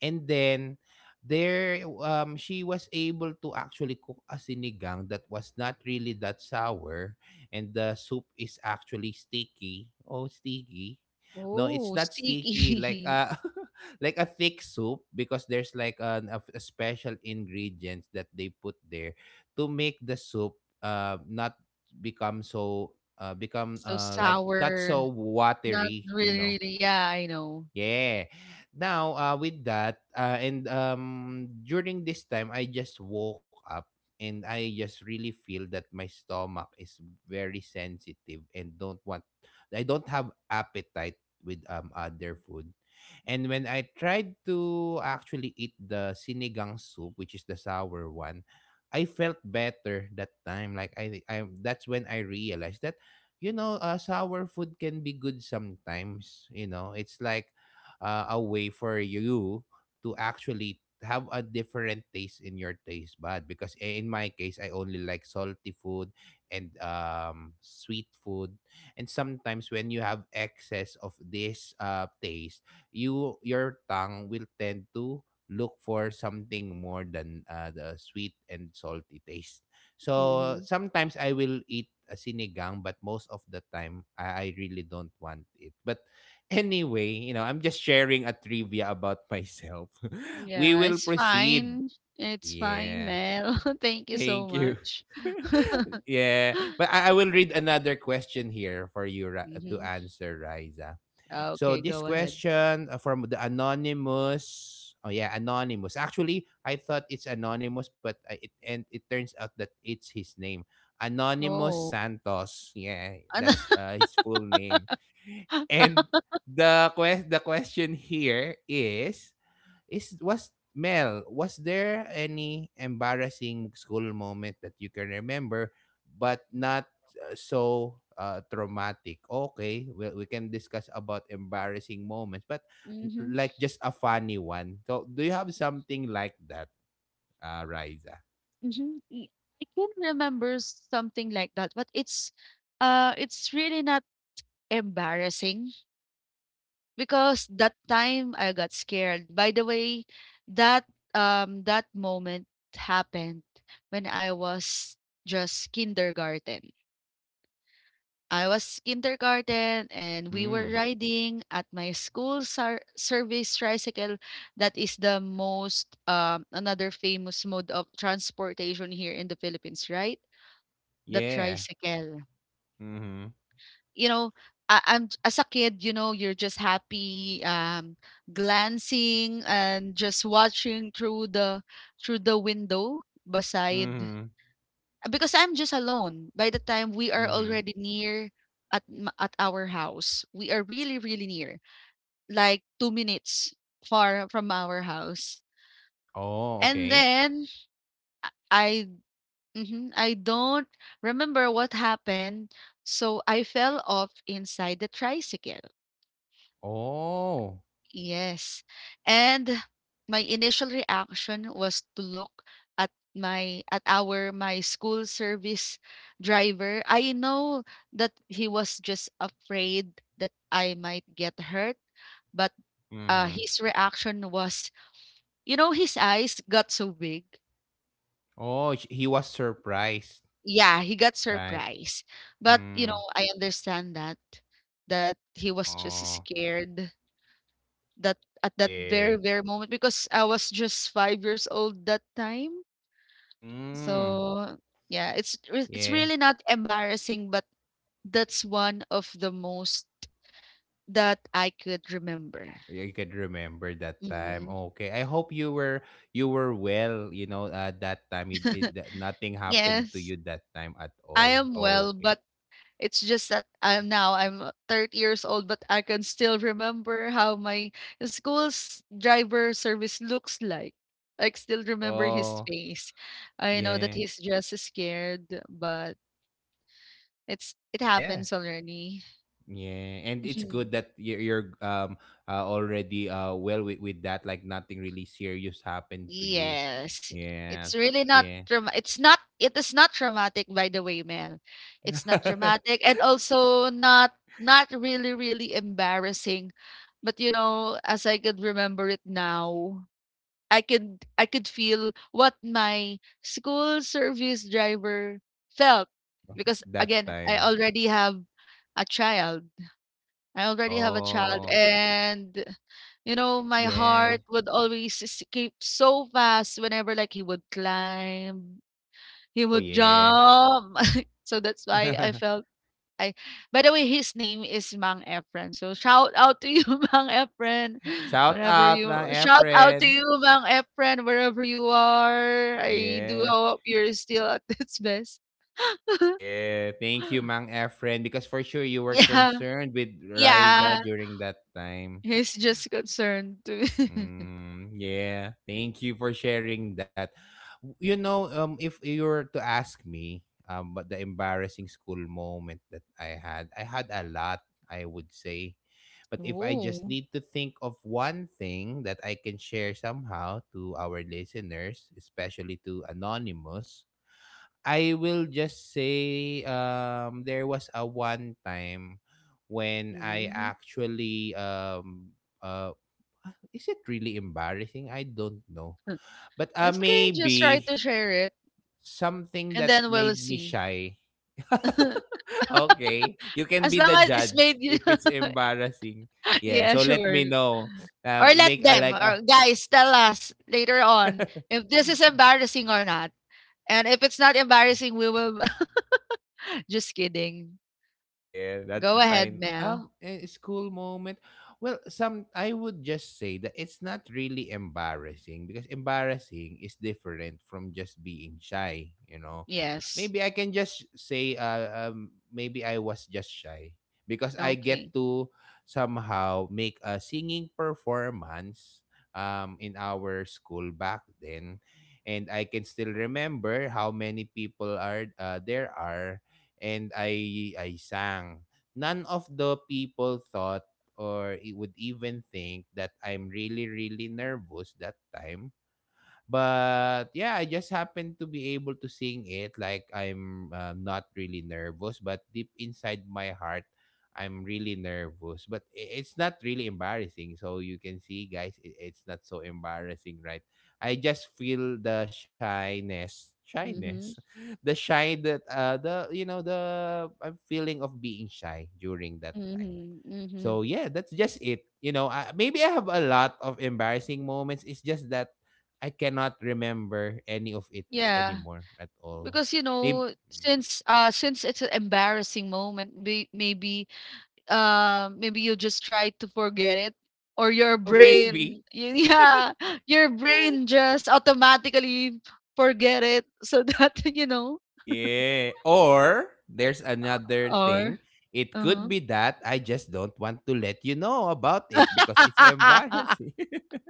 And then there she was able to actually cook a sinigang that was not really that sour, and the soup is actually sticky. Oh, sticky. No, it's Oh, not sticky like sticky. Like a thick soup because there's like a special ingredients that they put there to make the soup not become so become So like not sour. so Not watery, you really, know. really. Yeah, I know. Yeah. Now, with that, and during this time, I just woke up and I just really feel that my stomach is very sensitive and don't want, I don't have appetite with other food. And when I tried to actually eat the sinigang soup, which is the sour one, I felt better that time. Like I That's when I realized that, you know, sour food can be good sometimes. You know, it's like a way for you to actually have a different taste in your taste bud because in my case I only like salty food and sweet food, and sometimes when you have excess of this taste, you your tongue will tend to look for something more than the sweet and salty taste. So Mm-hmm. sometimes I will eat a sinigang, but most of the time I really don't want it. But anyway, you know, I'm just sharing a trivia about myself. We Yeah, will it's proceed. fine. It's fine, Yeah. Mel. Thank you so Thank you. much. Yeah. But I will read another question here for you to Mm-hmm. answer, Riza. So Okay, this go ahead. question from the anonymous. Oh yeah, anonymous. Actually, I thought it's anonymous, but I, it and it turns out that it's his name, Anonymous Oh, Santos. Yeah, Ano? that's his full name. And the quest the question here is was Mel, was there any embarrassing school moment that you can remember but not so traumatic? Okay, well, we can discuss about embarrassing moments, but Mhm, like just a funny one. So, do you have something like that? Rise. mhm. I can remember something like that, but it's really not embarrassing because that time I got scared. By the way, that that moment happened when I was just kindergarten. I was kindergarten and we were Mm, riding at my service tricycle. That is the most another famous mode of transportation here in the Philippines, right? The yeah. tricycle. Mm-hmm. You know, I'm as a kid, you know, you're just happy, glancing and just watching through the window beside, Mm-hmm. because I'm just alone. By the time we are Mm-hmm. already near at our house, we are really really near, like 2 minutes far from our house. Oh, And okay. then I, mhm, I don't remember what happened, so I fell off inside the tricycle. Oh. Yes. And my initial reaction was to look at our, my school service driver. I know that he was just afraid that I might get hurt, but Mm-hmm. his reaction was, you know, his eyes got so big. Oh, he was surprised, Yeah, he got right? surprised. But, you Mm. know, I understand that that he was just Oh, scared that at that very, yeah. very moment because I was just 5 years old that time. Mm. So, yeah, it's Yeah. really not embarrassing, but that's one of the most that I could remember. You can remember that time. Mhm. Okay. I hope you were, you were well, you know, that time that nothing happened to Yes, you that time at all. I am well, Okay. but it's just that I'm now I'm 30 years old, but I can still remember how my school's driver service looks like. I still remember his Oh, face. I know that yeah. he's just scared, but it's it Yeah. happens already. Yeah, and it's Mhm. good that you're already well with that like nothing really serious happened to you. Yes. It's Yeah. really not Yeah. trauma it's not, it is not traumatic by the way, Mel. It's not traumatic and also not really, really embarrassing. But you know, as I could remember it now, I could feel what my school service driver felt. Because That again, time. A child. I already have a child Oh, and, you know, my yeah. heart would always skip so fast whenever like he would climb, he Oh, would yeah. jump. So that's why I felt I, by the way, his name is Mang Efren. So shout out to you, Mang Efren. Shout Whenever out, you mga shout out to Efren. you, Mang Efren, wherever you are. I do Yeah. hope you're still at its best. Yeah. Thank you, Mang Efren. Because for sure you were Yeah. concerned with Riza Yeah. during that time. He's just concerned to Mm, yeah. Thank you for sharing that. You know, if you were to ask me about the embarrassing school moment that I had a lot, I would say. But if I just oh. need to think of one thing that I can share somehow to our listeners, especially to Anonymous, I will just say there was a one time when I Mhm. actually uh is it really embarrassing? I don't know. But It's okay, just try maybe to share it, something and that then we'll made me see. shy. Okay, you can As be long the as it's judge made you if it's embarrassing. Yeah, yeah, so let me sure. know. Or let Make a them, like a or guys, tell us later on if this is embarrassing or not. And if it's not embarrassing, we will just kidding. Yeah, that's Go ahead, fine. Mel. A school moment. Well, some I would just say that it's not really embarrassing because embarrassing is different from just being shy. You know, Yes. maybe I can just say, maybe I was just shy because I Okay. get to somehow make a singing performance, in our school back then, and I can still remember how many people are there are, and I sang. None of the people thought or it would even think that I'm really really nervous that time. But yeah, I just happen to be able to sing it like I'm not really nervous, but deep inside my heart, I'm really nervous. But it's not really embarrassing. So you can see, guys, it's not so embarrassing, right? I just feel the shyness, shyness, Mm-hmm. the shy that the you know the I'm feeling of being shy during that time. Mm-hmm. Mm-hmm. So yeah, that's just it. You know, I, maybe I have a lot of embarrassing moments. It's just that I cannot remember any of it Yeah. anymore at all. Because you Maybe, know, since it's an embarrassing moment, maybe you just try to forget it or your oh, maybe, brain yeah, your brain just automatically forget it so that you know yeah. Or there's another or thing. It could uh-huh. be that I just don't want to let you know about it because it's embarrassing.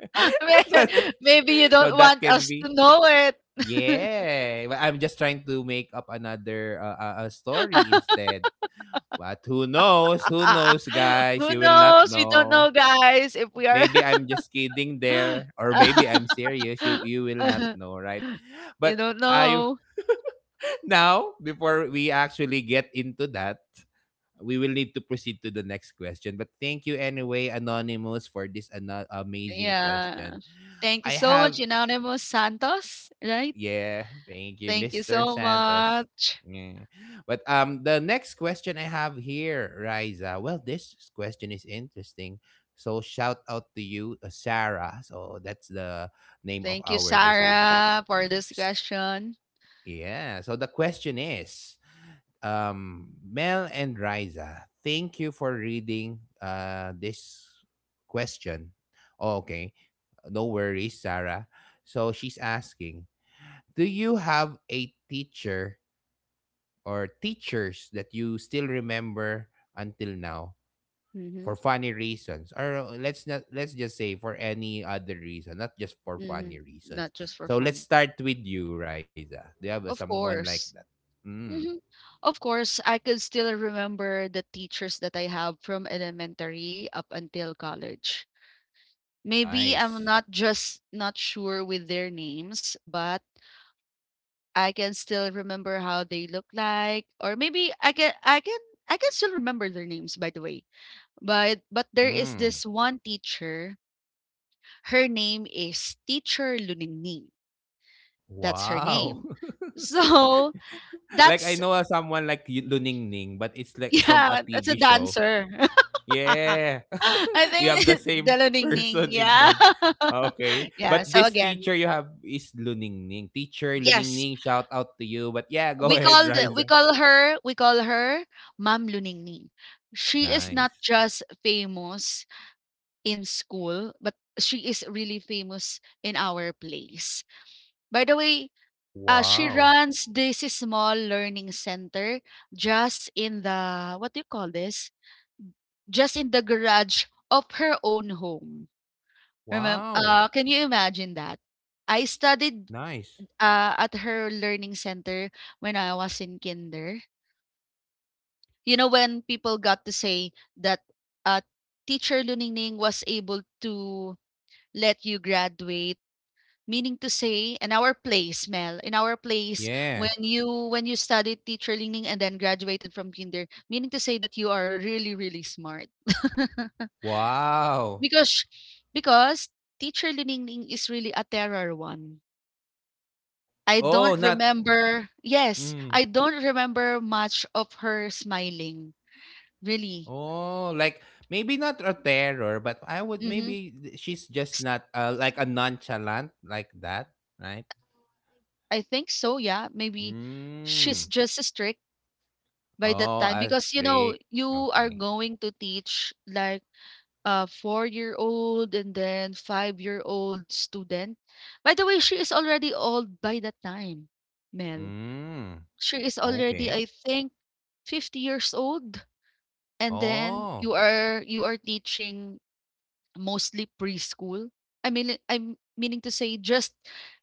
May- But maybe you so don't that want can us to be know it. yeah. But I'm just trying to make up another story instead. But who knows? Who knows, guys? Who You will not knows? We don't know. know, guys, if we are Maybe I'm just kidding there, or maybe I'm serious. You will not know, right? you But don't I know. now before we actually get into that, we will need to proceed to the next question. But thank you anyway, Anonymous, for this amazing Yeah, question. thank you I so much, have. Anonymous Santos, right? Yeah, thank you, Thank you Mr. so Santos. much. Yeah. But the next question I have here, Riza. Well, this question is interesting. So shout out to you, Sarah. So that's the name of Thank you, our listener. Sarah, for this S- question. Yeah. So the question is, Mel and Riza, thank you for reading this question. Okay, no worries, Sarah. So she's asking, do you have a teacher or teachers that you still remember until now for Hmm. funny reasons or let's not let's just say for any other reason, not just for Hmm. funny reasons. Not just for So let's fun. start with you, Riza. Do you have Of someone like that? course. Mm, Hmm. Of course, I could still remember the teachers that I have from elementary up until college. Maybe nice. I'm not just not sure with their names, but I can still remember how they look like, or maybe I can still remember their names, by the way. But there is Mm, this one teacher. Her name is Teacher Luningning. That's her wow. name. So Like I that's know someone like you, Luning Ning, but it's like from a yeah, that's TV a show. dancer. Yeah. I We have the think the same Luningning, person in yeah. mind. Okay. Yeah, But so this again, teacher you have is Luningning. Teacher yes, Luningning, shout out to you. But yeah, go we ahead, call the, Riza. We call her Ma'am Luningning. She is not Nice. just famous in school, but she is really famous in our place. By the way, she Wow. runs this small learning center just in the what do you call this? Just in the garage of her own home. Remember, Wow. Can you imagine that? I studied Nice. At her learning center when I was in kinder. You know, when people got to say that uh, teacher Luningning was able to let you graduate. Meaning to say, in our place, Mel, in our place, Yeah. when you studied teacher leaning and then graduated from kinder, meaning to say that you are really, really smart. Wow. because because teacher leaning is really a terror one. I Oh, don't not remember. Yes, mm. I don't remember much of her smiling. Really. Oh, like maybe not a terror, but I would Mm-hmm. maybe she's just not like a nonchalant like that, right? I think so, yeah. Maybe she's Mm. just strict. By that Oh, time a because, you know, streak. you are Okay. going to teach like a four-year-old and then five-year-old student. By the way, she is already old by that time, Mel. Mm. She is Okay. already, I think, 50 years old, and then Oh. you are teaching mostly preschool. I mean, I'm meaning to say just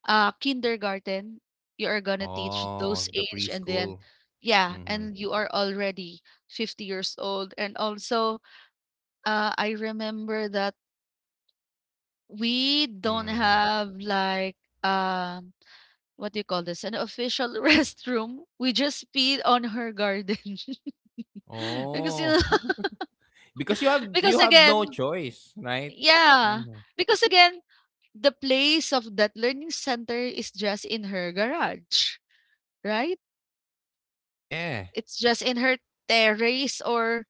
kindergarten, you are gonna teach Oh, those the age, and preschool. then yeah, Mm-hmm. and you are already 50 years old. And also, I remember that we don't Mm-hmm. have like um what do you call this? An official restroom. We just peed on her garden. because you Oh. know, because you because have again, no choice, right? yeah. Hmm. Because again, the place of that learning center is just in her garage, right? Yeah. It's just in her terrace or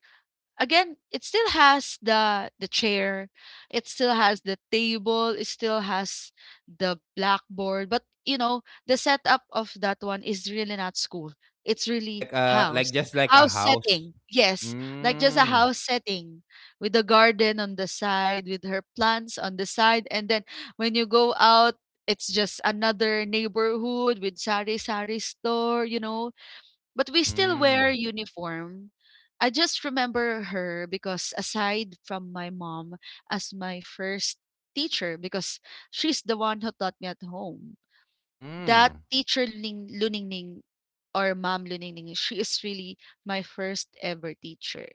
again, it still has the chair, it still has the table, it still has the blackboard, but you know the setup of that one is really not school, it's really Like house just like a house house. setting, yes. Like just a Mm. house setting with the garden on the side, with her plants on the side, and then when you go out, it's just another neighborhood with sari sari store, you know, but we still wear Mm. uniform. I just remember her because aside from my mom as my first teacher, because she's the one who taught me at home. Mm. That teacher Ling Luningning or Mom Luningning, she is really my first ever teacher.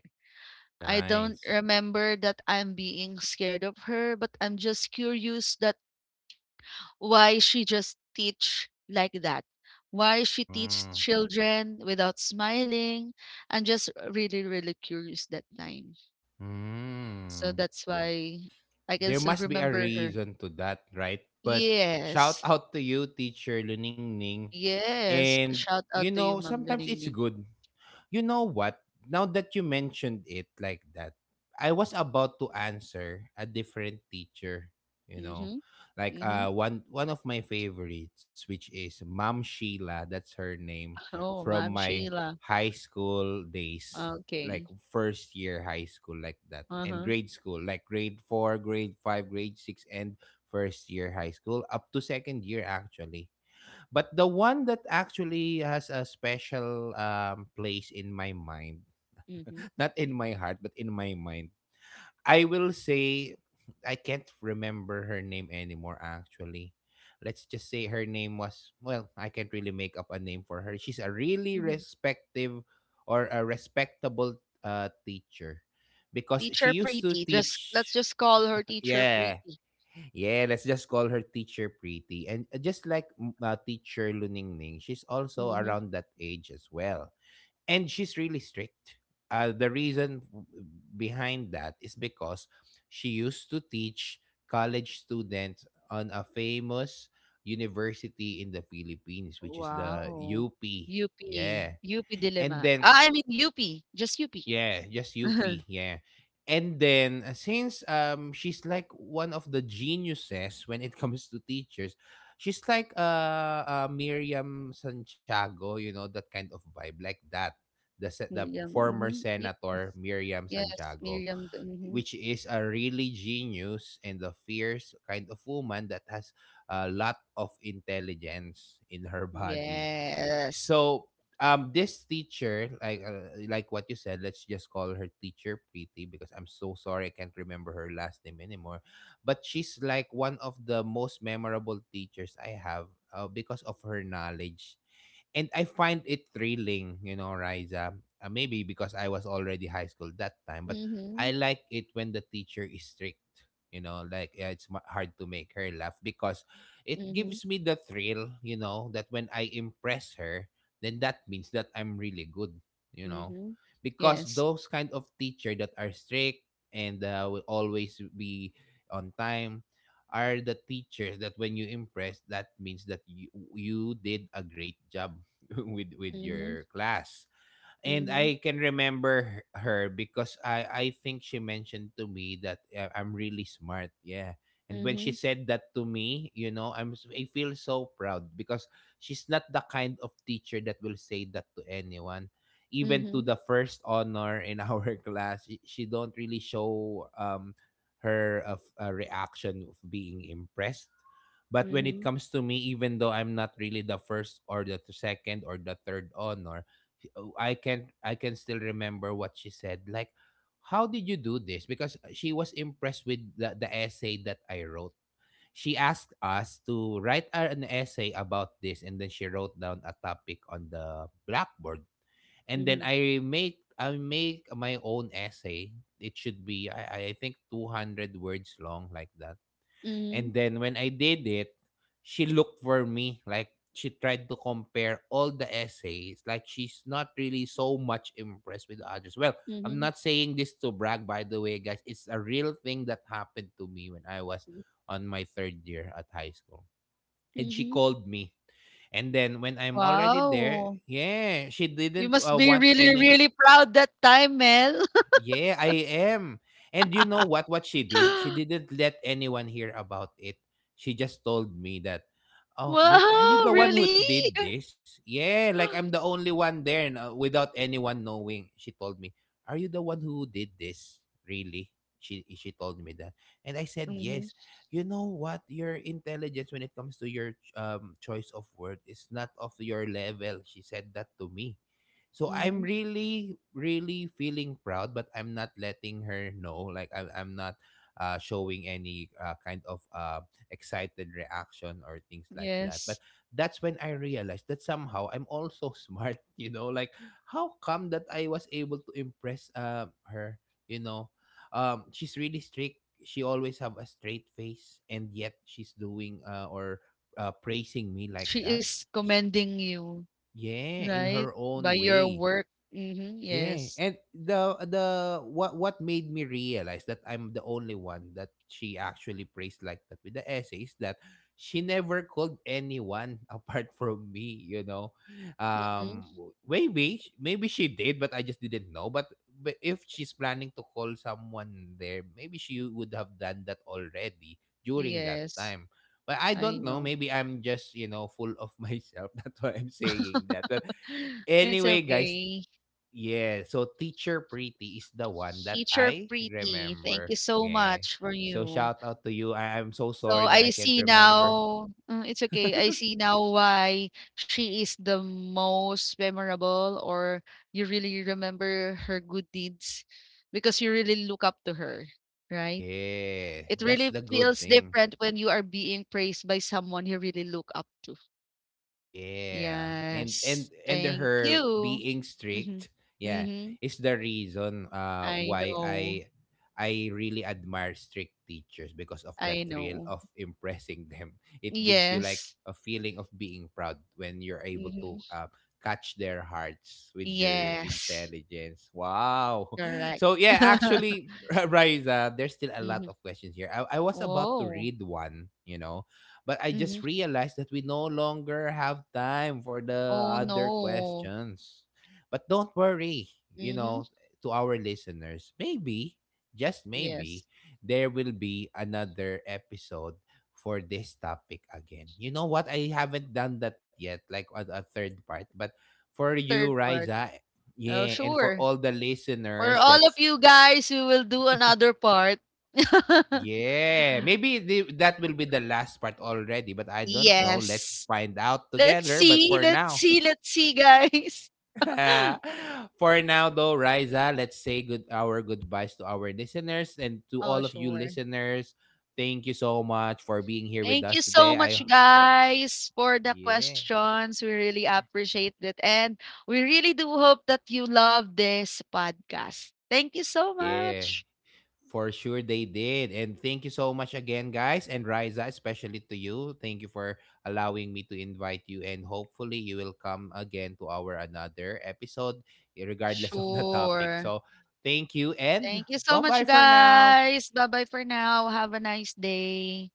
I don't Nice. remember that I'm being scared of her, but I'm just curious that why she just teach like that, why she teach Mm. children without smiling. I'm just really, really curious that time, so Mm. that's why I can There still must be a remember her. reason to that, right? But shout Yes. out to you, teacher Luningning. And Yes, you shout out know, to you, Ma'am sometimes it's Luningning. good. You know what? Now that you mentioned it like that, I was about to answer a different teacher, you know. Mm-hmm. Like Mm-hmm. One of my favorites, which is Ma'am Sheila, that's her name, Oh, from Ma'am my Sheila. high school days, like Okay. first year high school, like that. And Uh-huh. grade school, like grade four, grade five, grade six, and first year high school, up to second year actually, but the one that actually has a special place in my mind, Mm-hmm, not in my heart, but in my mind, I will say I can't remember her name anymore, actually. Let's just say her name was, well, I can't really make up a name for her. She's a really mm-hmm. respective or a respectable teacher because she Teacher used to pretty, just let's teach, just call her teacher yeah. pretty. Yeah, let's just call her Teacher Pretty. And just like Teacher Luningning, she's also Mm-hmm. around that age as well. And she's really strict. The reason behind that is because she used to teach college students on a famous university in the Philippines, which is the Wow. UP. UP, Yeah. UP And Diliman. then Ah, I mean UP, just UP. yeah, just UP, yeah. And then since she's like one of the geniuses when it comes to teachers, she's like Miriam Santiago, you know, that kind of vibe like that. The the Miriam, former mhm, yes. senator Miriam Yes, Santiago, Miriam, t- mhm. which is a really genius and a fierce kind of woman that has a lot of intelligence in her body. Yes. So this teacher like what you said, let's just call her teacher Pretty because I'm so sorry I can't remember her last name anymore, but she's like one of the most memorable teachers I have, because of her knowledge, and I find it thrilling, you know, Riza. Maybe because I was already high school that time, but I Mhm, like it when the teacher is strict. You know, like yeah, it's hard to make her laugh because it mhm, gives me the thrill, you know, that when I impress her, then that means that I'm really good, you know. mhm. Because Yes. those kind of teacher that are strict and will always be on time are the teachers that when you impress, that means that you did a great job with Mhm, your class, and mhm, I can remember her because I think she mentioned to me that I'm really smart. Yeah. And when she mhm, said that to me, you know, I feel so proud because she's not the kind of teacher that will say that to anyone. Even to mhm, the first honor in our class, she don't really show her of reaction of being impressed. But when it mhm, comes to me, even though I'm not really the first or the second or the third honor, oh, I can still remember what she said. Like, how did you do this? Because she was impressed with the essay that I wrote. She asked us to write an essay about this, and then she wrote down a topic on the blackboard. And then mhm, I make my own essay. It should be I think 200 words long, like that, mhm, and then when I did it, she looked for me. Like she tried to compare all the essays. Like she's not really so much impressed with the others. Well, I'm mhm, not saying this to brag, by the way, guys. It's a real thing that happened to me when I was on my third year at high school. And she mhm. called me. And then when I'm already there, Wow. yeah, she You didn't must be want really, any. really proud that time, Mel. Yeah, I am. And you know what she did? She didn't let anyone hear about it. She just told me that, "Oh, you're are you Wow, the one who really? did this?" Yeah, like I'm the only one there and, without anyone knowing. She told me, "Are you the one who did this?" Really? She told me that. And I said, Mhm, "Yes." You know what? Your intelligence when it comes to your choice of word is not of your level. She said that to me. So mhm, I'm really really feeling proud, but I'm not letting her know. Like I'm not showing any kind of excited reaction or things like that, but yes. that's when I realized that somehow I'm also smart, you know, like how come that I was able to impress her, you know. Um, she's really strict, she always have a straight face, and yet she's doing or praising me like She that, is commending you, yeah, in right? her By own your way. work. Mhm, Yeah, yes. and the what made me realize that I'm the only one that she actually praised like that with the essays, that she never called anyone apart from me, you know. Mhm, Maybe maybe she did but I just didn't know, but if she's planning to call someone there, maybe she would have done that already during that yes. time. But I I don't know, know. maybe I'm just, you know, full of myself. That's why I'm saying that. But It's anyway, guys, okay. yeah, so Teacher pretty is the one that Teacher I Pretty, thank remember. you so Yeah. much for So you. shout out to you. I'm so So sorry that I I can't see remember. now, it's okay. I see now why she is the most memorable, or you really remember her good deeds because you really look up to her, right? Yeah, It that's really the good feels thing. different when you are being praised by someone you really look up to. Yeah. And Yes. and Thank her you. being Mhm. strict, yeah, Mhm. is the reason I why know. I really admire strict teachers because of that I thrill know. of impressing them. It gives you like Yes. a feeling of being proud when you're able to Mhm. Catch their hearts with your Yes. intelligence. Wow. Correct. So yeah, actually, Riza, there's still a lot Mhm. of questions here. I was about to Oh. read one, you know, but I just Mhm. realized that we no longer have time for the Oh, other no. questions. But don't worry, you Mhm. know, to our listeners, maybe, just maybe, Yes. there will be another episode for this topic again. You know what? I haven't done that yet, like a third part. But for you, Third part. Riza, Oh, yeah, and for sure. all the For listeners all of that's you guys, we will do another part. yeah, maybe that will be the last part already, but I don't know. Let's Yes. find out Let's together. But see, for let's now, see, let's see, guys. for now though, Riza, let's say good our goodbyes to our listeners and to Oh, all of you sure. listeners. Thank you so much for being here with Thank us you so today. much, I guys, for the yeah, questions. We really appreciate it. And we really do hope that you love this podcast. Thank you so yeah. much. For sure they did. And thank you so much again, guys. And Riza, especially to you. Thank you for allowing me to invite you. And hopefully you will come again to our another episode, regardless of the topic. Sure. So thank you Thank and you so much, bye-bye for now. guys. Bye bye for now. Have a nice day.